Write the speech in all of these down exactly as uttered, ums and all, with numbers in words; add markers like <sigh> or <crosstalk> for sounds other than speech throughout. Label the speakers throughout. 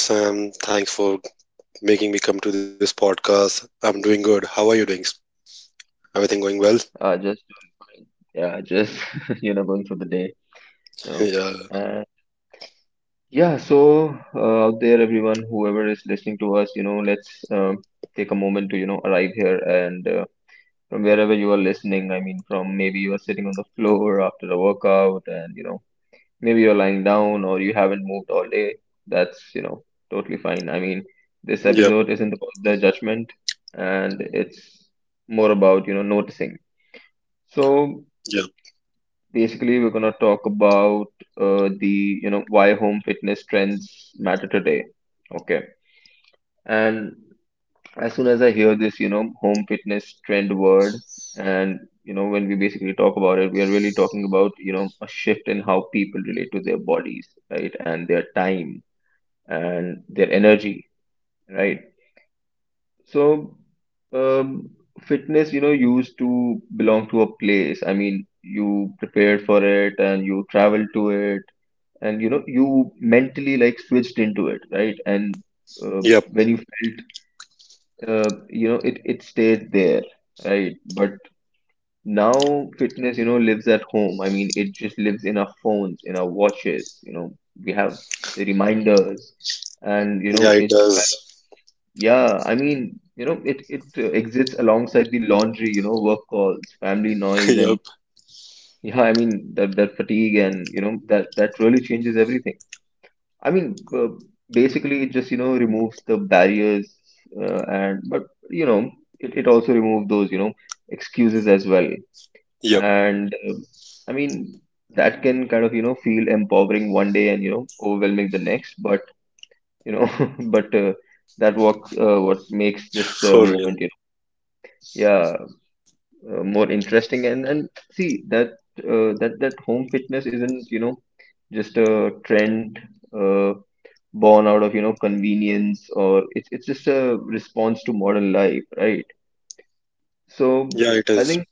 Speaker 1: Hello, Sam. Thanks for making me come to this podcast. I'm doing good. How are you doing? Everything going
Speaker 2: Uh,
Speaker 1: well? <laughs>
Speaker 2: just doing fine. Yeah, just <laughs> you know, going through the day. You know,
Speaker 1: Yeah.
Speaker 2: and Yeah. So uh, out there, everyone, whoever is listening to us, you know, let's um take a moment to you know arrive here and uh, from wherever you are listening. I mean, from maybe you are sitting on the floor after a workout, and you know, maybe you're lying down or you haven't moved all day. That's you know totally fine. I mean this
Speaker 1: Yep.
Speaker 2: episode isn't about the judgment, and it's more about you know noticing. So
Speaker 1: Yep.
Speaker 2: basically we're going to talk about uh, the you know why home fitness trends matter today. Okay. And as soon as I hear this you know home fitness trend word. And you know when we basically talk about it, we are really talking about you know a shift in how people relate to their bodies, right? And their time and their energy, right? So, um, fitness, you know, used to belong to a place. I mean, you prepared for it and you traveled to it, and you know, you mentally like switched into it, right? And uh,
Speaker 1: Yep.
Speaker 2: when you felt, uh, you know, it it stays there, right? But now fitness, you know, lives at home. I mean, it just lives in our phones, in our watches. You know, we have the reminders, and you
Speaker 1: Yeah,
Speaker 2: know,
Speaker 1: it
Speaker 2: it
Speaker 1: does.
Speaker 2: Yeah, I mean, you know, it it uh, exists alongside the laundry, you know, work calls, family
Speaker 1: <laughs>
Speaker 2: noise,
Speaker 1: Yep.
Speaker 2: and yeah, I mean that that fatigue and you know that that really changes everything. I mean, uh, basically, it just you know removes the barriers, uh, and but you know, it it also removes those you know excuses as well.
Speaker 1: Yep.
Speaker 2: And uh, I mean, that can kind of you know feel empowering one day and you know overwhelming the next, but you know, <laughs> but uh, that works uh, what makes this uh,
Speaker 1: For real.
Speaker 2: moment. You know yeah, uh, more interesting, and and see that uh, that that home fitness isn't you know just a trend, uh, born out of you know convenience, or it's it's just a response to modern life, right? So
Speaker 1: Yeah, it
Speaker 2: I
Speaker 1: is.
Speaker 2: think,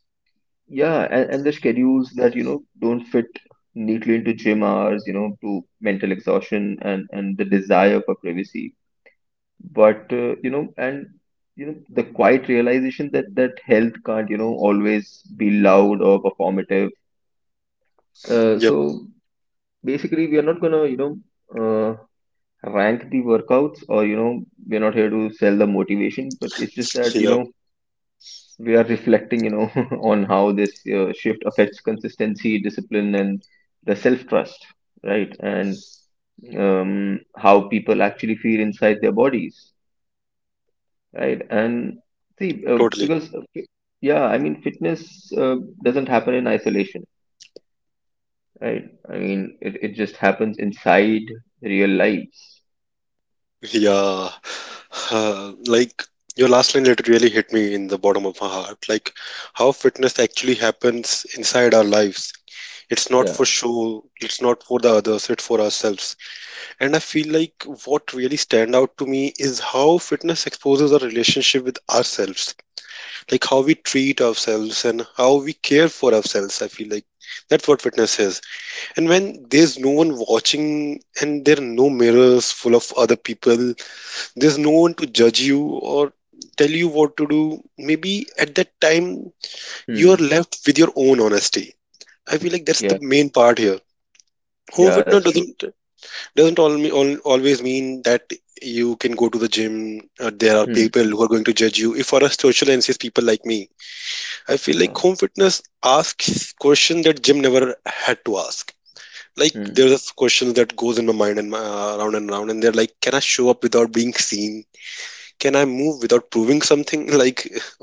Speaker 2: yeah, and, and the schedules that you know don't fit neatly into gym hours, you know to mental exhaustion, and and the desire for privacy, but uh, you know and you know the quiet realization that that health can't you know always be loud or performative. Uh, so
Speaker 1: Yep.
Speaker 2: basically we are not gonna you know uh, rank the workouts, or you know we're not here to sell the motivation, but it's just that you
Speaker 1: Yep.
Speaker 2: know we are reflecting you know <laughs> on how this uh, shift affects consistency, discipline, and the self trust, right? And um, how people actually feel inside their bodies. Right. And see, uh,
Speaker 1: Totally.
Speaker 2: because, uh, fi- yeah, I mean, fitness uh, doesn't happen in isolation, right? I mean, it, it just happens inside real lives.
Speaker 1: Yeah. <sighs> Uh, like your last line letter really hit me in the bottom of my heart. Like how fitness actually happens inside our lives. It's not for
Speaker 2: Yeah.
Speaker 1: show. It's not for the others. It's for ourselves. And I feel like what really stand out to me is how fitness exposes our relationship with ourselves, like how we treat ourselves and how we care for ourselves. I feel like that's what fitness is. And when there's no one watching and there are no mirrors full of other people, there's no one to judge you or tell you what to do. Maybe at that time you are
Speaker 2: Hmm.
Speaker 1: left with your own honesty. I feel like that's the
Speaker 2: Yeah.
Speaker 1: main part here. Home
Speaker 2: Yeah,
Speaker 1: fitness
Speaker 2: that's true.
Speaker 1: doesn't doesn't all, me all, always mean that you can go to the gym. Uh, there are
Speaker 2: Hmm.
Speaker 1: people who are going to judge you. If for a social and says people like me, I feel like
Speaker 2: Yeah.
Speaker 1: home fitness asks questions that gym never had to ask. Like
Speaker 2: Hmm.
Speaker 1: there's a question that goes in my mind and my, uh, around and around, and they're like, "Can I show up without being seen? Can I move without proving something?" <laughs> Like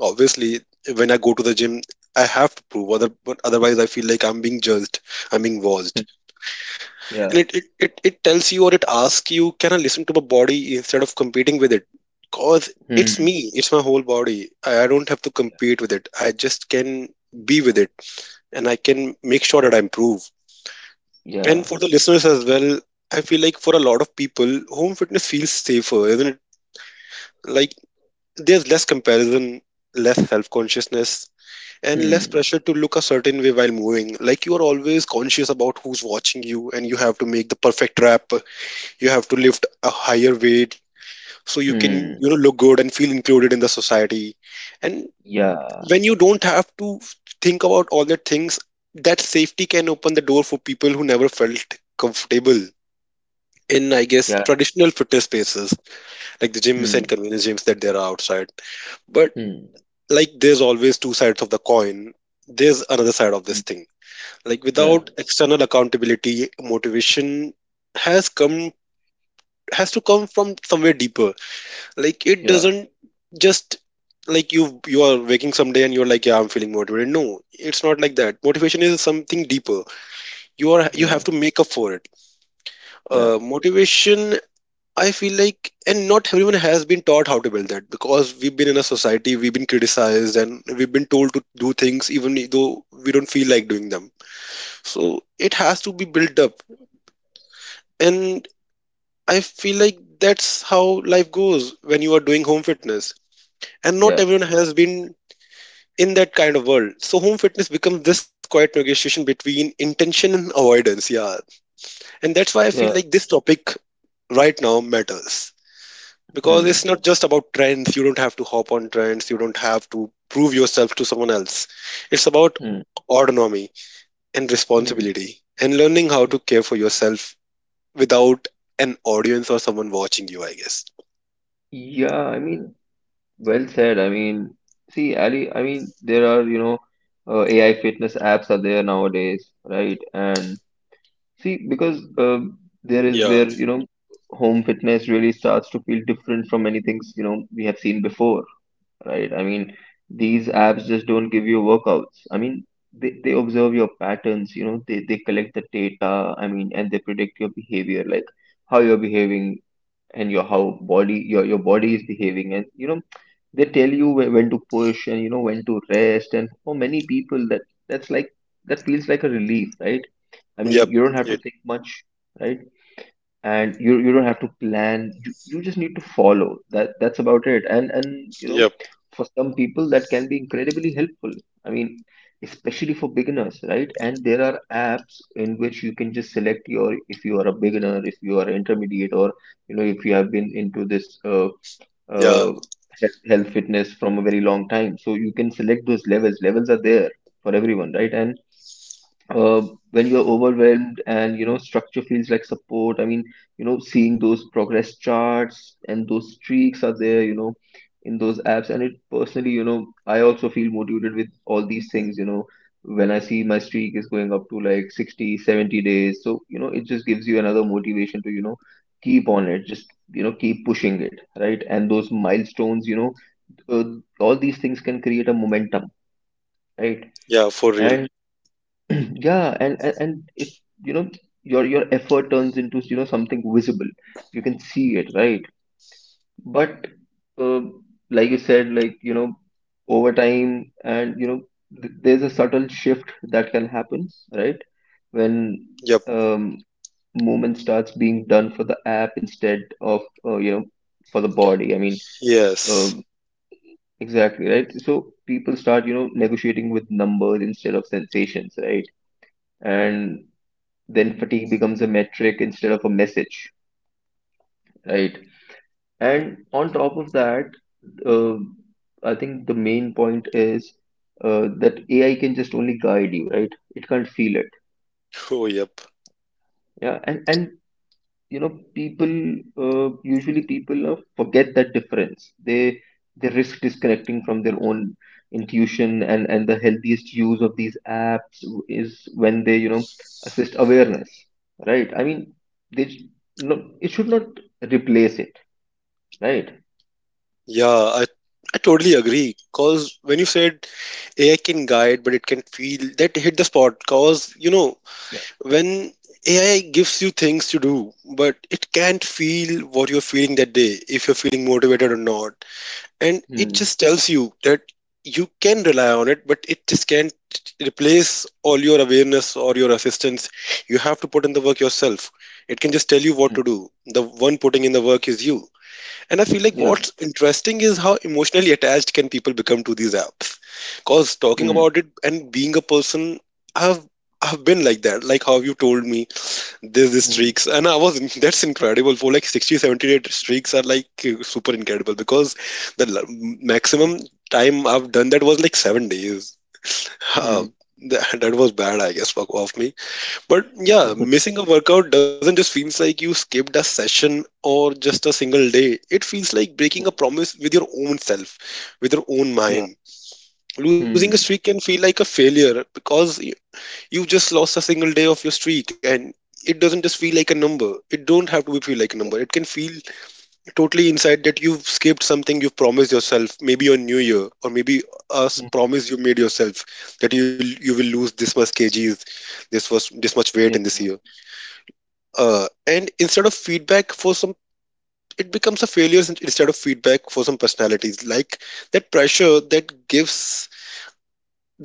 Speaker 1: obviously, when I go to the gym, I have to prove. Other, but otherwise, I feel like I'm being judged. I'm being
Speaker 2: Hmm.
Speaker 1: watched, and
Speaker 2: Yeah.
Speaker 1: it, it it it tells you, or it asks you, can I listen to my body instead of competing with it, because it's
Speaker 2: Hmm.
Speaker 1: me, it's my whole body. I, I don't have to compete with it. I just can be with it, and I can make sure that I improve. And
Speaker 2: Yeah.
Speaker 1: for the listeners as well, I feel like for a lot of people home fitness feels safer, isn't it? Like there's less comparison, less self-consciousness, and less
Speaker 2: Hmm.
Speaker 1: pressure to look a certain way while moving, like you are always conscious about who's watching you, and you have to make the perfect rap. You have to lift a higher weight, so you can
Speaker 2: Hmm.
Speaker 1: you know look good and feel included in the society. And
Speaker 2: Yeah.
Speaker 1: when you don't have to think about all the things, that safety can open the door for people who never felt comfortable in, I guess,
Speaker 2: Yeah.
Speaker 1: traditional fitness spaces, like the gyms and
Speaker 2: Hmm.
Speaker 1: convenience gyms that there are outside. But
Speaker 2: Hmm.
Speaker 1: like there's always two sides of the coin. There's another side of
Speaker 2: Hmm.
Speaker 1: this thing, like
Speaker 2: Yeah.
Speaker 1: without external accountability, motivation has come has to come from somewhere deeper. Like it
Speaker 2: Yeah.
Speaker 1: doesn't just, like, you you are waking someday and you're like, yeah, I'm feeling motivated. No, it's not like that. Motivation is something deeper. You are you
Speaker 2: Yeah.
Speaker 1: have to make up for it.
Speaker 2: Yeah.
Speaker 1: Uh, motivation, I feel like, and not everyone has been taught how to build that, because we've been in a society, we've been criticized, and we've been told to do things even e, though we don't feel like doing them. So it has to be built up. And I feel like that's how life goes when you are doing home fitness, and not
Speaker 2: Yeah.
Speaker 1: everyone has been in that kind of world. So home fitness becomes this quiet negotiation between intention and avoidance. Yeah. And that's why I feel
Speaker 2: Yeah.
Speaker 1: like this topic right now matters. Because
Speaker 2: Hmm.
Speaker 1: it's not just about trends. You don't have to hop on trends. You don't have to prove yourself to someone else. It's about
Speaker 2: Hmm.
Speaker 1: autonomy and
Speaker 2: Hmm.
Speaker 1: responsibility, and learning how to care for yourself without an audience or someone watching you, I guess.
Speaker 2: Yeah. I mean, Well said. I mean, see, Ali, I mean, there are, you know, uh, A I fitness apps are there nowadays, right? And see, because uh, there is
Speaker 1: Yeah.
Speaker 2: where, you know, home fitness really starts to feel different from many things, you know, we have seen before, right? I mean, these apps just don't give you workouts. I mean, they, they observe your patterns, you know, they, they collect the data, I mean, and they predict your behavior, like how you're behaving, and your how body your your body is behaving, and you know they tell you whe- when to push, and you know when to rest, and for many people, that that's like that feels like a relief, right? I mean
Speaker 1: Yep.
Speaker 2: you don't have to
Speaker 1: It,
Speaker 2: think much, right? And you you don't have to plan, you, you just need to follow that. That's about it. And and you know
Speaker 1: yep.
Speaker 2: For some people, that can be incredibly helpful. i mean Especially for beginners, right? And there are apps in which you can just select your, if you are a beginner, if you are intermediate, or you know if you have been into this uh,
Speaker 1: Yeah.
Speaker 2: uh, health, health fitness from a very long time, so you can select those levels. Levels are there for everyone, right? And uh, when you're overwhelmed, and you know structure feels like support. I mean you know seeing those progress charts and those streaks are there, you know in those apps. And it personally, you know I also feel motivated with all these things, you know when I see my streak is going up to like sixty, seventy days, so you know it just gives you another motivation to you know keep on. It just you know keep pushing it, right? And those milestones, you know uh, all these things can create a momentum, right?
Speaker 1: Yeah. For real.
Speaker 2: And <clears throat> yeah, and, and and it you know your your effort turns into you know something visible. You can see it, right? But uh, like you said, like you know, over time, and you know, th- there's a subtle shift that can happen, right? When
Speaker 1: Yep.
Speaker 2: um, movement starts being done for the app instead of uh, you know for the body. I mean, uh,
Speaker 1: Yes. <laughs>
Speaker 2: exactly, right? So people start you know negotiating with numbers instead of sensations, right? And then fatigue becomes a metric instead of a message, right? And on top of that, uh, I think the main point is, uh, that AI can just only guide you, right? It can't feel it.
Speaker 1: Oh, yep.
Speaker 2: Yeah, and and you know people uh, usually people uh, forget that difference. They they risk disconnecting from their own intuition, and and the healthiest use of these apps is when they you know assist awareness, right? I mean they sh- no It should not replace it, right?
Speaker 1: Yeah, I I totally agree. Cause when you said A I can guide, but it can feel, that hit the spot. Cause you know,
Speaker 2: Yeah.
Speaker 1: when A I gives you things to do, but it can't feel what you're feeling that day, if you're feeling motivated or not, and it
Speaker 2: Hmm.
Speaker 1: just tells you that you can rely on it, but it just can't replace all your awareness or your assistance. You have to put in the work yourself. It can just tell you what
Speaker 2: Hmm.
Speaker 1: to do. The one putting in the work is you. And I feel like
Speaker 2: Yeah.
Speaker 1: what's interesting is how emotionally attached can people become to these apps. Cause talking
Speaker 2: Hmm.
Speaker 1: about it, and being a person, I've I've been like that. Like how you told me there's these
Speaker 2: Hmm.
Speaker 1: streaks, and I was <laughs> that's incredible. For like sixty, seventy day streaks are like uh, super incredible, because the l-
Speaker 2: Yeah.
Speaker 1: maximum time I've done that was like seven days. <laughs> Uh,
Speaker 2: Hmm.
Speaker 1: that, that was bad, I guess, fuck off me. But yeah,
Speaker 2: <laughs>
Speaker 1: missing a workout doesn't just feels like you skipped a session or just a single day. It feels like breaking a
Speaker 2: Hmm.
Speaker 1: promise with your own self, with your own
Speaker 2: Yeah.
Speaker 1: mind. Losing a
Speaker 2: Hmm.
Speaker 1: streak can feel like a failure, because you- you've just lost a single day of your streak, and it doesn't just feel like a number. It don't have to be feel like a number.
Speaker 2: Yeah.
Speaker 1: It can feel totally inside that you've skipped something you have promised yourself, maybe on New Year, or maybe a s-
Speaker 2: Hmm.
Speaker 1: promise you made yourself, that you you will lose this much kgs, this was this much weight
Speaker 2: Yeah.
Speaker 1: in this year. Uh, and instead of feedback, for some it becomes a failure sin- instead of feedback. For some personalities, like, that pressure that gives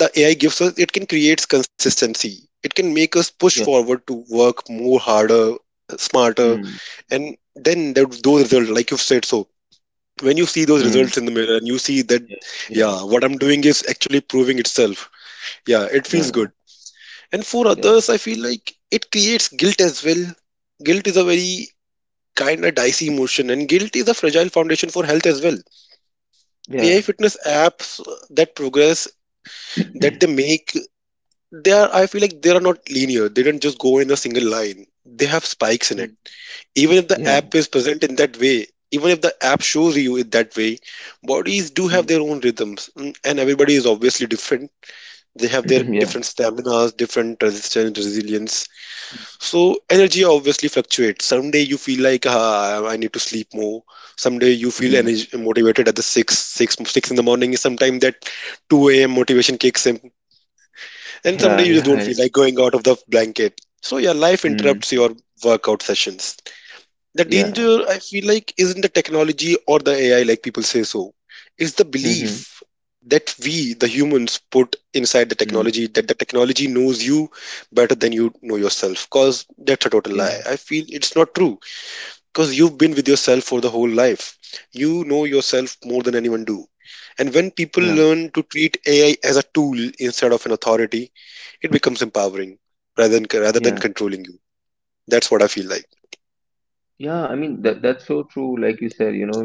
Speaker 1: the AI gives us, it can create consistency, it can make us push
Speaker 2: Yeah.
Speaker 1: forward to work more, harder, smarter.
Speaker 2: Hmm.
Speaker 1: And then there, those results, like you've said. So when you see those
Speaker 2: Hmm.
Speaker 1: results in the mirror and you see that,
Speaker 2: Yeah. Yeah.
Speaker 1: yeah, what I'm doing is actually proving itself, yeah, it feels
Speaker 2: Yeah.
Speaker 1: good. And for others, I feel like it creates guilt as well. Guilt is a very kind of dicey emotion, and guilt is a fragile foundation for health as well. A I
Speaker 2: Yeah.
Speaker 1: fitness apps, that progress that they make, they are I feel like they are not linear. They don't just go in a single line. They have spikes in
Speaker 2: Yeah.
Speaker 1: it.
Speaker 2: <clears throat>
Speaker 1: Even if the
Speaker 2: Yeah.
Speaker 1: app is present in that way, even if the app shows you it that way, bodies do have
Speaker 2: Mm.
Speaker 1: their own rhythms, mm, and everybody is
Speaker 2: Yeah.
Speaker 1: obviously different. They have their
Speaker 2: <clears throat> Yeah.
Speaker 1: different staminas, different resistance, resilience. So energy obviously fluctuates. Someday you feel like, ah, I need to sleep more. Someday you feel
Speaker 2: Mm.
Speaker 1: energy, motivated at the six six six in the morning. Sometimes that two a m motivation kicks in, and someday
Speaker 2: Yeah.
Speaker 1: you just
Speaker 2: Yeah.
Speaker 1: don't feel
Speaker 2: Yeah.
Speaker 1: like going out of the blanket. So yeah, life interrupts
Speaker 2: Mm.
Speaker 1: your workout sessions. The
Speaker 2: Yeah.
Speaker 1: danger, I feel like, isn't the technology or the A I, like people say so. It's the
Speaker 2: Mhm.
Speaker 1: belief that we, the humans, put inside the
Speaker 2: Mm.
Speaker 1: technology, that the technology knows you better than you know yourself. Because that's a total lie.
Speaker 2: Yeah.
Speaker 1: I feel it's not true. Because you've been with yourself for the whole life. You know yourself more than anyone do. And when people
Speaker 2: Yeah.
Speaker 1: learn to treat A I as a tool instead of an authority, it becomes empowering rather than rather than
Speaker 2: Yeah.
Speaker 1: controlling you. That's what I feel like.
Speaker 2: Yeah. I mean that that's so true. Like you said, you know,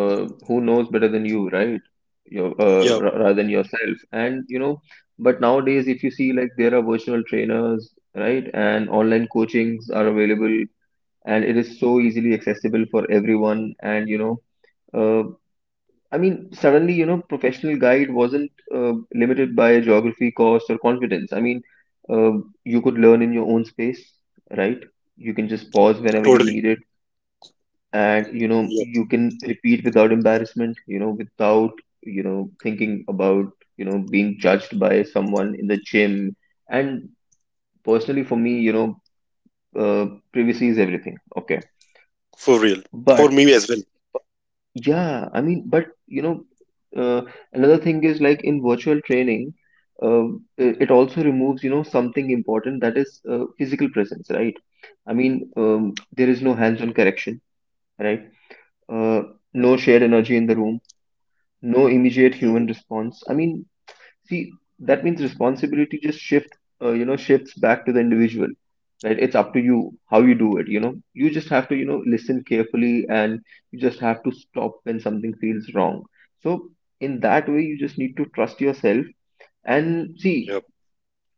Speaker 2: uh, who knows better than you, right? Your uh,
Speaker 1: Yeah,
Speaker 2: ra- rather than yourself, and you know, but nowadays, if you see, like there are virtual trainers, right, and online coachings are available, and it is so easily accessible for everyone. And you know. Uh, I mean, Suddenly, you know, professional guide wasn't uh, limited by geography, cost, or confidence. I mean, uh, you could learn in your own space, right? You can just pause whenever you
Speaker 1: totally.
Speaker 2: need it, and you know, you can repeat without embarrassment, you know, without, you know, thinking about, you know, being judged by someone in the gym. And personally, for me, you know, uh, privacy is everything. Okay.
Speaker 1: For real. For
Speaker 2: But
Speaker 1: me as well.
Speaker 2: yeah, I mean, but you know, uh, another thing is like in virtual training, uh, it it also removes, you know, something important that is uh, physical presence, right? I mean, um, there is no hands-on correction, right? Uh, no shared energy in the room, no immediate human
Speaker 1: Mhm.
Speaker 2: response. I mean, See, that means responsibility just shift, uh, you know, shifts back to the individual, right? It's up to you how you do it, you know. You just have to, you know, listen carefully, and you just have to stop when something feels wrong. So, in that way, you just need to trust yourself, and see,
Speaker 1: Yep.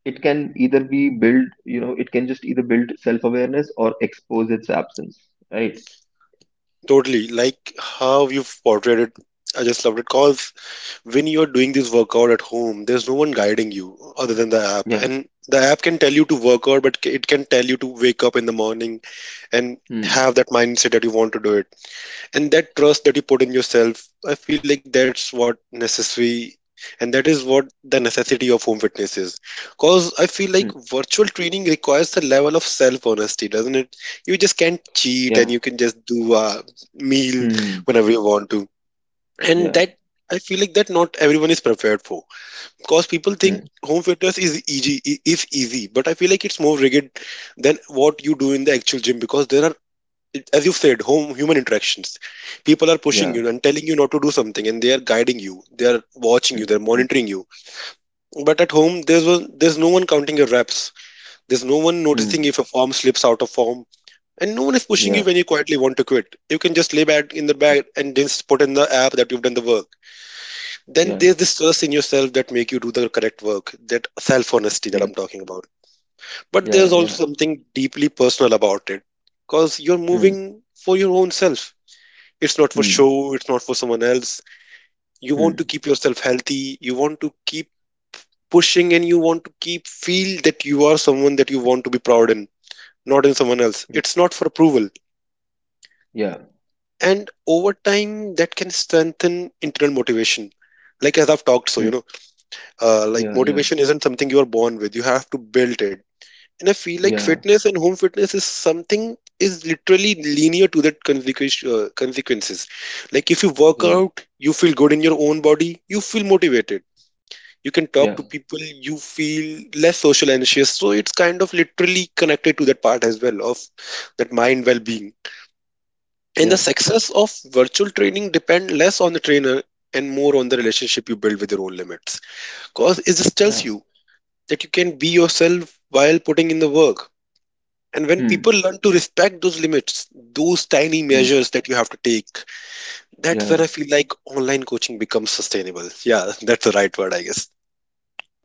Speaker 2: it can either be build, you know, it can just either build self-awareness or expose its absence, right?
Speaker 1: Totally. Like how you've portrayed it. I just loved it. Cause when you're doing this workout at home, there's no one guiding you other than the app.
Speaker 2: Yeah.
Speaker 1: And the app can tell you to work out, but it can tell you to wake up in the morning and
Speaker 2: Hmm.
Speaker 1: have that mindset that you want to do it. And that trust that you put in yourself, I feel like that's what necessary, and that is what the necessity of home fitness is, because I feel like
Speaker 2: Hmm.
Speaker 1: virtual training requires a level of self honesty, doesn't it? You just can't cheat
Speaker 2: Yeah.
Speaker 1: and you can just do a meal
Speaker 2: Hmm.
Speaker 1: whenever you want to. And
Speaker 2: Yeah.
Speaker 1: that, I feel like that not everyone is prepared for, because people think
Speaker 2: Hmm.
Speaker 1: home fitness is easy is easy but I feel like it's more rigid than what you do in the actual gym, because there are it- as you've said, home human interactions. People are pushing you
Speaker 2: Yeah.
Speaker 1: and telling you not to do something, and they are guiding you. They are watching you.
Speaker 2: Hmm.
Speaker 1: They're
Speaker 2: Hmm.
Speaker 1: monitoring you. But at home, there's one, there's no one counting your reps. There's no one
Speaker 2: Hmm.
Speaker 1: noticing if a form slips out of form, and no one is pushing
Speaker 2: Yeah.
Speaker 1: you when you quietly want to quit. You can just lay back in the
Speaker 2: Yeah.
Speaker 1: bed and just put in the app that you've done the work. Then there's this trust in yourself that make you do the correct work. That self honesty that
Speaker 2: Yeah.
Speaker 1: I'm talking about. But
Speaker 2: Yeah,
Speaker 1: there's also
Speaker 2: yeah.
Speaker 1: something deeply personal about it because you're
Speaker 2: Hmm,
Speaker 1: moving for your own self. It's not for
Speaker 2: hmm,
Speaker 1: show, it's not for someone else. You want to
Speaker 2: hmm.
Speaker 1: keep yourself healthy, you want to keep pushing, and you want to keep feel that you are someone that you want to be proud in, not in someone else.
Speaker 2: Y-
Speaker 1: It's not for approval.
Speaker 2: Yeah,
Speaker 1: And over time, that can strengthen internal motivation. Like as I've talked, so
Speaker 2: hmm,
Speaker 1: you know, uh, like
Speaker 2: yeah, yeah,
Speaker 1: motivation isn't something you are born with. You have to build it. And I feel like
Speaker 2: yeah,
Speaker 1: fitness and home fitness is something is literally linear to that consequence, uh, consequences. Like if you work
Speaker 2: yeah,
Speaker 1: out, you feel good in your own body, you feel motivated. You can talk
Speaker 2: yeah,
Speaker 1: to people, you feel less social anxious. So it's kind of literally connected to that part as well of that mind well-being. And the
Speaker 2: yeah,
Speaker 1: success of virtual training depend less on the trainer and more on the relationship you build with your own limits. Cause it just tells
Speaker 2: yeah.
Speaker 1: you that you can be yourself while putting in the work. And when people
Speaker 2: Hmm,
Speaker 1: learn to respect those limits, those tiny
Speaker 2: hmm.
Speaker 1: measures that you have to take, that's where
Speaker 2: Yeah.
Speaker 1: I feel like online coaching becomes sustainable. Yeah, <laughs> that's the right word, I guess.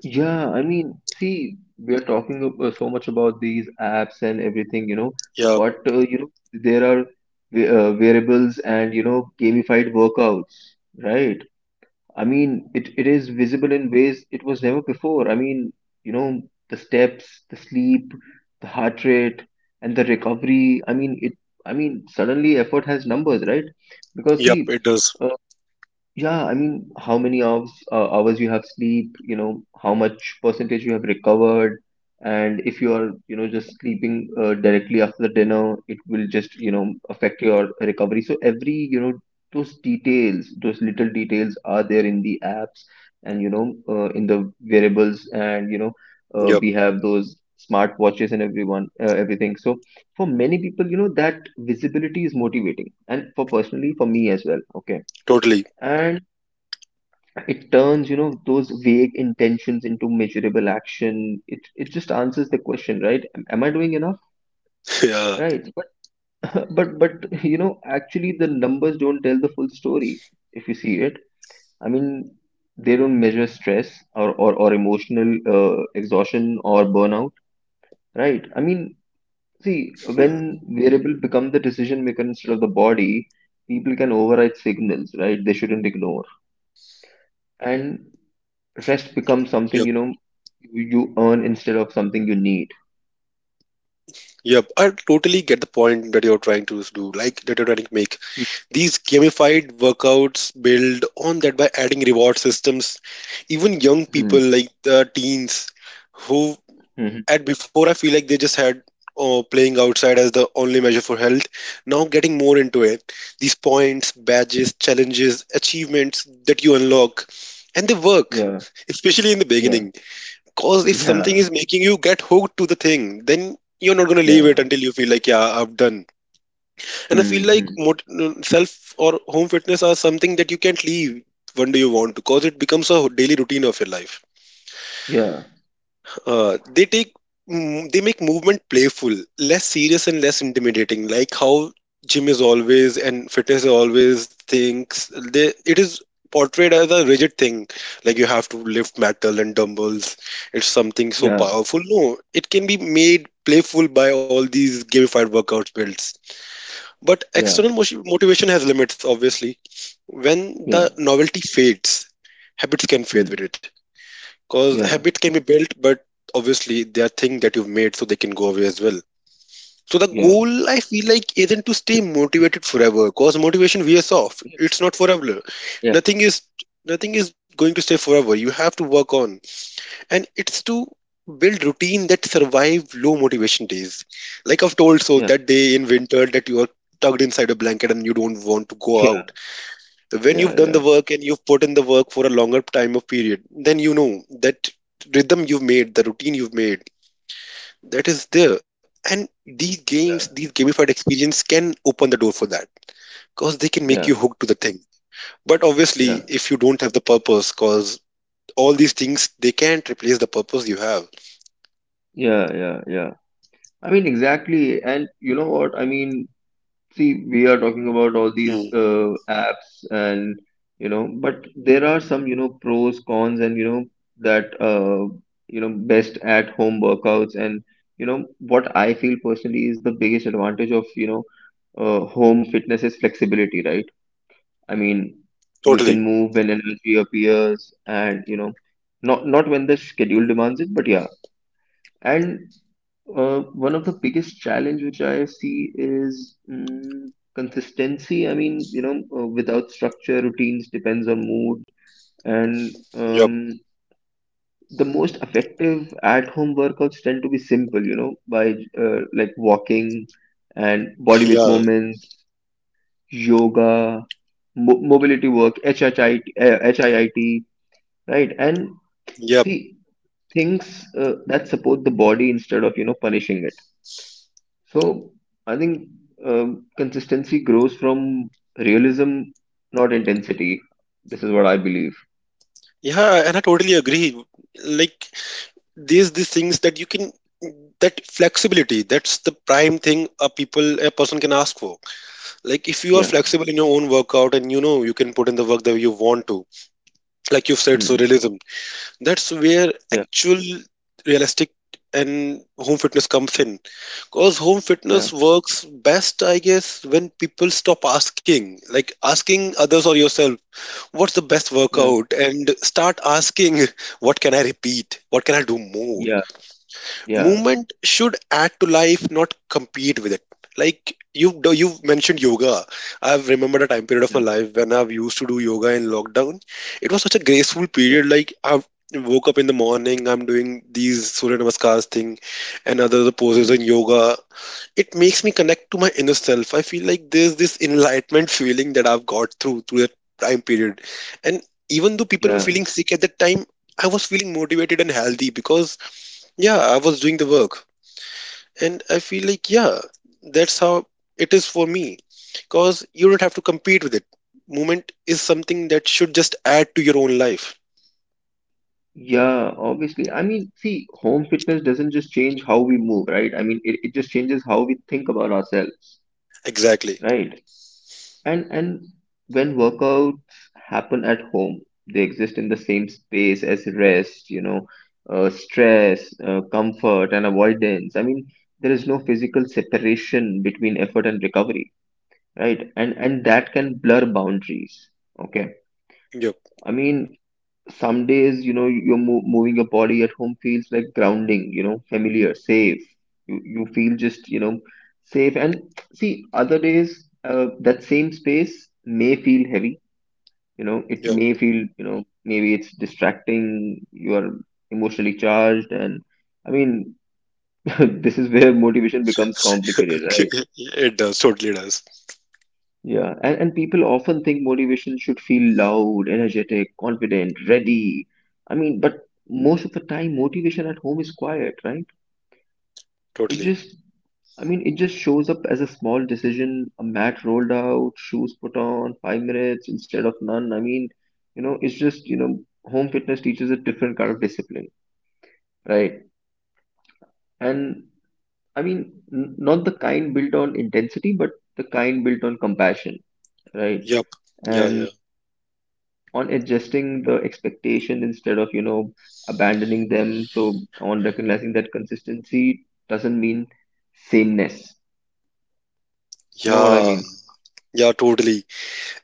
Speaker 2: Yeah, I mean, see, we are talking ab- uh, so much about these apps and everything, you know,
Speaker 1: Yeah,
Speaker 2: but uh, you know, there are wa- uh, variables and you know, gamified workouts, right? I mean, it, it is visible in ways it was never before. I mean, you know, the steps, the sleep, the heart rate, and the recovery. I mean, it. I mean, suddenly effort has numbers, right? Because
Speaker 1: yep,
Speaker 2: see,
Speaker 1: it does.
Speaker 2: uh, yeah, I mean, how many hours uh, hours you have sleep, you know, how much percentage you have recovered, and if you are, you know, just sleeping uh, directly after dinner, it will just, you know, affect your recovery. So every, you know, those details, those little details are there in the apps, and, you know, uh, in the wearables, and, you know, uh,
Speaker 1: Yep,
Speaker 2: we have those smart watches, and everyone, uh, everything. So for many people, you know, that visibility is motivating, and for personally, for me as well. Okay.
Speaker 1: totally. <laughs>
Speaker 2: And it turns, you know, those vague intentions into measurable action. It it just answers the question, right? Am, am I doing enough?
Speaker 1: Yeah.
Speaker 2: Right. But <laughs> but but you know, actually the numbers don't tell the full story if you see it. I mean, they don't measure stress or or, or emotional uh, exhaustion or burnout, right? I mean, see,
Speaker 1: Hmm.
Speaker 2: when variable become the decision maker instead of the body, people can override signals, right? They shouldn't ignore. And rest becomes something
Speaker 1: Yep,
Speaker 2: you know you earn instead of something you need.
Speaker 1: yep. I totally get the point that you're trying to do, like that you're trying to make. These gamified workouts build on that by adding reward systems. Even young
Speaker 2: Hmm.
Speaker 1: people like the teens who
Speaker 2: Hmm.
Speaker 1: at before I feel like they just had uh, playing outside as the only measure for health, now getting more into it, these points, badges, challenges, achievements that you unlock, and they work
Speaker 2: Yeah.
Speaker 1: especially in the
Speaker 2: Yeah.
Speaker 1: beginning, because if something
Speaker 2: Yeah.
Speaker 1: is making you get hooked to the thing, then you're not going to leave it
Speaker 2: Yeah.
Speaker 1: until you feel like, yeah, I've done. And I
Speaker 2: Hmm.
Speaker 1: feel like
Speaker 2: Hmm.
Speaker 1: mot- self or home fitness are something that you can't leave when do you want, because it becomes a daily routine of your life.
Speaker 2: Yeah.
Speaker 1: Uh, they take mm, they make movement playful, less serious and less intimidating. Like how gym is always and fitness is always things. They it is portrayed as a rigid thing, like you have to lift metal and dumbbells. It's something so
Speaker 2: Yeah.
Speaker 1: powerful. No, it can be made playful by all these gamified workout builds. But
Speaker 2: Yeah.
Speaker 1: external motion, motivation has limits, obviously. When
Speaker 2: Yeah.
Speaker 1: the novelty fades, habits can fade
Speaker 2: Hmm.
Speaker 1: with it. Because
Speaker 2: Yeah.
Speaker 1: habits can be built, but obviously they are things that you've made so they can go away as well. So the
Speaker 2: Yeah.
Speaker 1: goal I feel like isn't to stay motivated forever, because motivation wears off. It's not forever.
Speaker 2: Yeah.
Speaker 1: Nothing is nothing is going to stay forever. You have to work on. And it's to build routine that survive low motivation days. Like I've told so
Speaker 2: Yeah. Yeah.
Speaker 1: that day in winter that you are tucked inside a blanket and you don't want to go
Speaker 2: Yeah.
Speaker 1: out, when
Speaker 2: Yeah.
Speaker 1: you've done
Speaker 2: Yeah.
Speaker 1: the work and you've put in the work for a longer time of period, then you know that rhythm you've made, the routine you've made, that is there, and these games, these
Speaker 2: Yeah.
Speaker 1: gamified experience can open the door for that, because they can make you hooked to the thing, but obviously
Speaker 2: Yeah.
Speaker 1: if you don't have the purpose, because all these things they can't replace the purpose you have.
Speaker 2: Yeah. Yeah. Yeah. I mean, exactly. And you know what? I mean, See, we are talking about all these
Speaker 1: Hmm,
Speaker 2: uh, apps and you know, but there are some you know pros, cons, and you know that uh, you know best at home workouts and you know what I feel personally is the biggest advantage of you know uh, home fitness is flexibility, right? I mean, you
Speaker 1: totally,
Speaker 2: can move when energy appears, and you know, not not when the schedule demands it, but yeah. And uh, one of the biggest challenge which I see is mm, consistency. I mean, you know, uh, without structure, routines depends on mood, and
Speaker 1: yep,
Speaker 2: um, the most effective at-home workouts tend to be simple. You know, by uh, Like walking and body weight
Speaker 1: yeah,
Speaker 2: movements, yoga, mo- mobility work, HIIT, uh, HIIT, right? And
Speaker 1: yep,
Speaker 2: see things uh, that support the body instead of you know punishing it. So I think um, consistency grows from realism, not intensity. This is what I believe.
Speaker 1: yeah, and I totally agree. Like, these these things that you can, that flexibility, that's the prime thing a people a person can ask for. Like if you are
Speaker 2: Yeah.
Speaker 1: flexible in your own workout and you know you can put in the work that you want to, like you've said,
Speaker 2: Hmm.
Speaker 1: so realism, that's where
Speaker 2: Yeah.
Speaker 1: actual realistic and home fitness comes in, because home
Speaker 2: Yeah.
Speaker 1: fitness works best I guess when people stop asking, like asking others or yourself, what's the best
Speaker 2: Yeah.
Speaker 1: workout, and start asking, what can I repeat, what can I do more.
Speaker 2: Yeah. Yeah.
Speaker 1: Movement should add to life, not compete with it. Like you you've mentioned yoga. I've remembered a time period of my
Speaker 2: Yeah.
Speaker 1: life when I've used to do yoga in lockdown. It was such a graceful
Speaker 2: Yeah.
Speaker 1: period. Like I woke up in the morning, I'm doing these Surya Namaskars thing and other the poses
Speaker 2: Hmm.
Speaker 1: in yoga. It makes me connect to my inner self. I feel like there's this enlightenment feeling that I've got through through that time period. And even though people were
Speaker 2: Yeah.
Speaker 1: feeling sick at that time, I was feeling motivated and healthy because, yeah, I was doing the work. And I feel like, yeah, that's how it is for me, because you don't have to compete with it. Movement is something that should just add to your own life.
Speaker 2: Yeah. Obviously, I mean, see, home fitness doesn't just change how we move, right? I mean, it, it just changes how we think about ourselves,
Speaker 1: Exactly,
Speaker 2: right? and and when workouts happen at home, they exist in the same space as rest, you know uh, stress, uh, comfort and avoidance. I mean there is no physical separation between effort and recovery, right? And and that can blur boundaries, okay.
Speaker 1: yep,
Speaker 2: i mean some days, you know you're mo- moving your body at home, feels like grounding, you know familiar, safe. You you feel just, you know safe. And see, other days, uh, that same space may feel heavy. You know it
Speaker 1: yep.
Speaker 2: may
Speaker 1: <laughs>
Speaker 2: feel, you know maybe it's distracting. You are emotionally charged, and i mean <laughs> this is where motivation becomes complicated,
Speaker 1: Okay,
Speaker 2: right?
Speaker 1: it does, totally does,
Speaker 2: Yeah. And, and people often think motivation should feel loud, energetic, confident, ready. I mean but most of the time, motivation at home is quiet, right? It
Speaker 1: totally,
Speaker 2: just, i mean it just shows up as a small decision, a mat rolled out, shoes put on, five minutes instead of none. I mean you know it's just, you know home fitness teaches a different kind of discipline. Right. And I mean, n- not the kind built on intensity, but the kind built on compassion, right?
Speaker 1: yep, yeah, yeah,
Speaker 2: And on adjusting the expectation instead of, you know, abandoning them. So on recognizing that consistency doesn't mean sameness. You know what I
Speaker 1: yeah,
Speaker 2: mean?
Speaker 1: yeah, totally.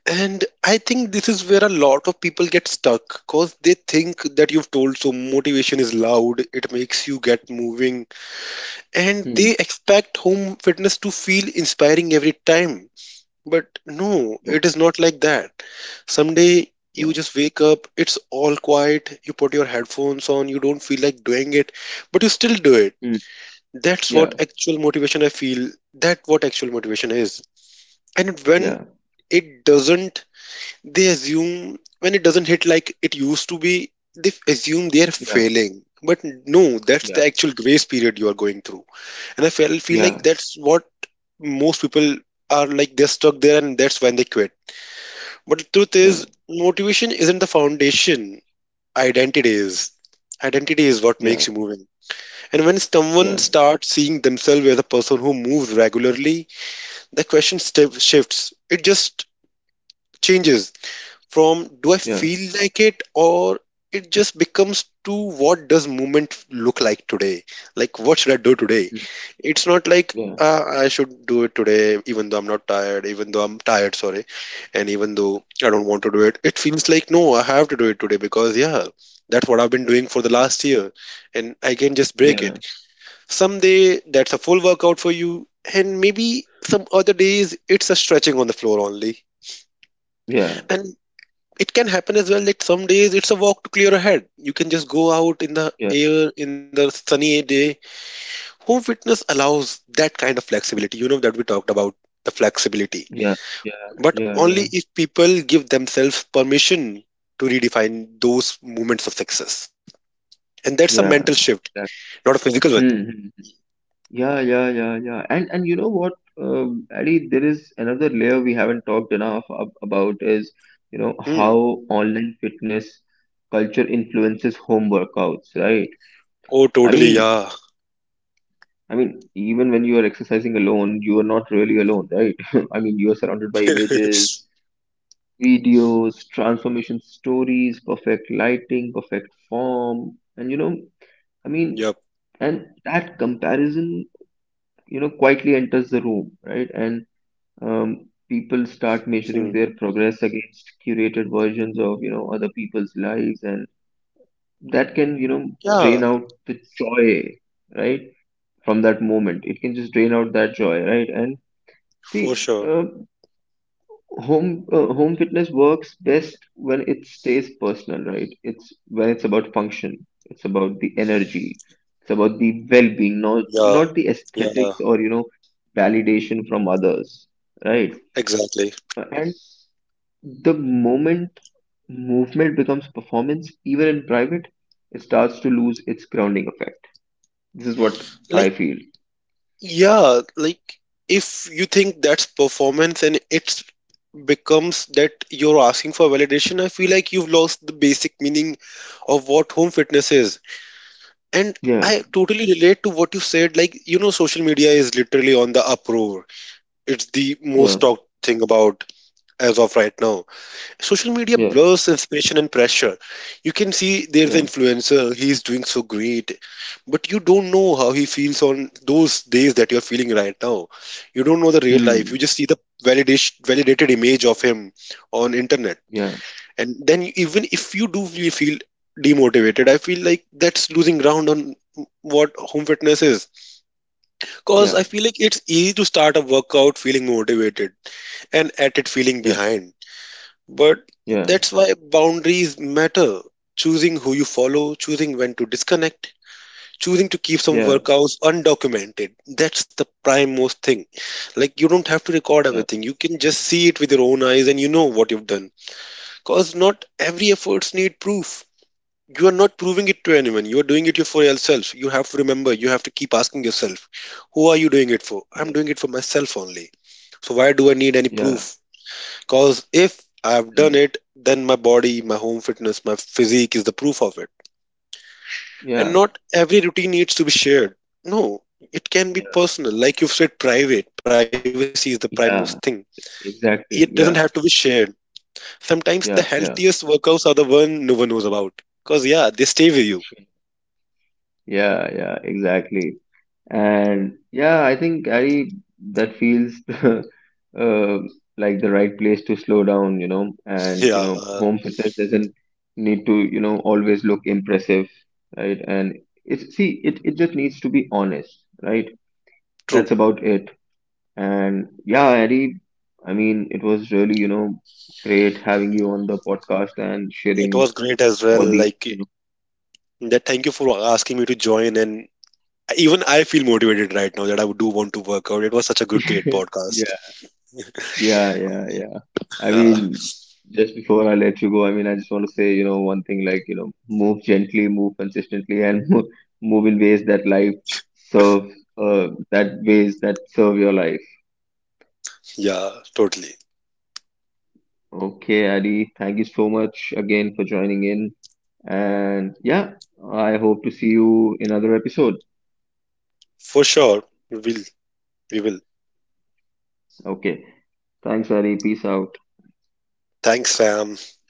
Speaker 1: And I think this is where a lot of people get stuck, because they think that, you've told, so motivation is loud, it makes you get moving, and
Speaker 2: Hmm.
Speaker 1: they expect home fitness to feel inspiring every time. But no,
Speaker 2: Yeah.
Speaker 1: it is not like that. Someday you
Speaker 2: Yeah.
Speaker 1: just wake up, it's all quiet, you put your headphones on, you don't feel like doing it, but you still do it.
Speaker 2: Hmm.
Speaker 1: That's what
Speaker 2: Yeah.
Speaker 1: actual motivation I feel. That what actual motivation is. And when
Speaker 2: Yeah.
Speaker 1: it doesn't, they assume when it doesn't hit like it used to be, they f- assume they are failing. But no, that's
Speaker 2: Yeah.
Speaker 1: the actual grace period you are going through. And I feel feel like
Speaker 2: Yeah.
Speaker 1: that's what most people are like, they're stuck there, and that's when they quit. But the truth
Speaker 2: Yeah.
Speaker 1: is, motivation isn't the foundation. Identity is. Identity is what
Speaker 2: Yeah.
Speaker 1: makes you moving. And when someone
Speaker 2: Yeah.
Speaker 1: starts seeing themselves as a person who moves regularly, the question sti- shifts. It just changes from, do I
Speaker 2: Yeah. Yeah.
Speaker 1: feel like it, or it just becomes to, what does movement look like today? Like, what should I do today?
Speaker 2: Hmm.
Speaker 1: It's not like,
Speaker 2: Yeah.
Speaker 1: uh, I should do it today, even though I'm not tired, even though I'm tired, sorry, and even though I don't want to do it. It feels like, no, I have to do it today because, yeah, that's what I've been doing for the last year, and I can just break it.
Speaker 2: Yeah.
Speaker 1: Someday that's a full workout for you, and maybe some other days it's a stretching on the floor only.
Speaker 2: Yeah.
Speaker 1: And it can happen as well that some days it's a walk to clear a head. You can just go out in the
Speaker 2: Yeah.
Speaker 1: air in the sunny day. Home fitness allows that kind of flexibility, you know, that we talked about, the flexibility.
Speaker 2: Yeah. Yeah.
Speaker 1: But
Speaker 2: Yeah. Yeah.
Speaker 1: only if people give themselves permission to redefine those moments of success. And that's a
Speaker 2: Yeah.
Speaker 1: mental shift,
Speaker 2: Exactly.
Speaker 1: not a physical one.
Speaker 2: Hmm. Hmm. Yeah, yeah, yeah, yeah. And and you know what, um, Addy, there is another layer we haven't talked enough ab- about is, you know, how
Speaker 1: Hmm.
Speaker 2: online fitness culture influences home workouts, right?
Speaker 1: Oh,
Speaker 2: I
Speaker 1: totally.
Speaker 2: mean,
Speaker 1: Yeah.
Speaker 2: I mean, Even when you are exercising alone, you are not really alone, right? <laughs> I mean, you are surrounded by images,
Speaker 1: <laughs>
Speaker 2: videos, transformation stories, perfect lighting, perfect form, and you know, I mean,
Speaker 1: Yep.
Speaker 2: and that comparison, you know, quietly enters the room, right? And um, people start measuring
Speaker 1: Hmm.
Speaker 2: their progress against curated versions of you know other people's lives, and that can, you know
Speaker 1: Yeah,
Speaker 2: drain out the joy, right? From that moment, it can just drain out that joy, right? And see,
Speaker 1: for sure.
Speaker 2: uh, home uh, home fitness works best when it stays personal, right? It's when it's about function, it's about the energy, it's about the well-being, not
Speaker 1: Yeah.
Speaker 2: not the aesthetics,
Speaker 1: Yeah.
Speaker 2: or you know validation from others, right?
Speaker 1: Exactly.
Speaker 2: Uh, The moment movement becomes performance, even in private, it starts to lose its grounding effect. This is what I
Speaker 1: Like,
Speaker 2: feel.
Speaker 1: yeah, like if you think that's performance and it's becomes that you're asking for validation, I feel like you've lost the basic meaning of what home fitness is. And
Speaker 2: Yeah,
Speaker 1: I totally relate to what you said. Like, you know, social media is literally on the uproar. It's the
Speaker 2: yeah,
Speaker 1: most talked thing about as of right now. Social media
Speaker 2: yeah,
Speaker 1: blurs inspiration and pressure. You can see there's
Speaker 2: yeah.
Speaker 1: an influencer, he's doing so great, but you don't know how he feels on those days that you're feeling right now. You don't know the real life.
Speaker 2: Hmm.
Speaker 1: You just see the validation, validated image of him on internet.
Speaker 2: Yeah,
Speaker 1: And then even if you do really feel demotivated, I feel like that's losing ground on what home fitness is. Cause
Speaker 2: yeah,
Speaker 1: I feel like it's easy to start a workout feeling motivated and at it feeling
Speaker 2: yeah,
Speaker 1: behind, but
Speaker 2: yeah,
Speaker 1: that's why boundaries matter. Choosing who you follow, choosing when to disconnect, choosing to keep some
Speaker 2: yeah,
Speaker 1: workouts undocumented. That's the prime most thing. Like you don't have to record
Speaker 2: yeah,
Speaker 1: everything. You can just see it with your own eyes and you know what you've done. Cause not every efforts need proof. You are not proving it to anyone. You are doing it for yourself. You have to remember, you have to keep asking yourself, who are you doing it for? I'm
Speaker 2: yeah,
Speaker 1: doing it for myself only. So why do I need any
Speaker 2: yeah,
Speaker 1: proof? Because if I've done it, then my body, my home fitness, my physique is the proof of it. And
Speaker 2: yeah, yeah,
Speaker 1: not every routine needs to be shared. No, it can be
Speaker 2: yeah,
Speaker 1: personal. Like you've said, private. Privacy is the primest thing.
Speaker 2: yeah.
Speaker 1: It doesn't have
Speaker 2: Exactly.
Speaker 1: to be
Speaker 2: Yeah,
Speaker 1: shared. Sometimes the
Speaker 2: yeah,
Speaker 1: healthiest
Speaker 2: yeah.
Speaker 1: workouts are the one no one knows about. Because, yeah, they stay with you.
Speaker 2: Sure. Yeah, yeah, exactly. And yeah, I think Gary, that feels <laughs> uh, like the right place to slow down, you know, and you
Speaker 1: Yeah,
Speaker 2: know,
Speaker 1: uh,
Speaker 2: home fitness doesn't need to, you know, always look impressive, right? And it's see, it it just needs to be honest, right?
Speaker 1: true.
Speaker 2: That's about it. And yeah, Ari, I mean, it was really, you know, great having you on the podcast and
Speaker 1: It
Speaker 2: sharing
Speaker 1: was great as well.
Speaker 2: all the,
Speaker 1: Like,
Speaker 2: you
Speaker 1: that. Thank you for asking me to join. And even I feel motivated right now that I do want to work out. It was such a good, great
Speaker 2: know.
Speaker 1: podcast.
Speaker 2: <laughs> Yeah, yeah, yeah. I
Speaker 1: Yeah.
Speaker 2: mean, just before I let you go, I mean, I just want to say, you know, one thing like, you know, move gently, move consistently, and <laughs> move, move in ways that life serve, uh, that ways that serve your life.
Speaker 1: Yeah, totally.
Speaker 2: Okay, Adi, thank you so much again for joining in. And yeah, I hope to see you in another episode.
Speaker 1: For sure, we will. We will.
Speaker 2: Okay, thanks, Adi. Peace out.
Speaker 1: Thanks, Sam.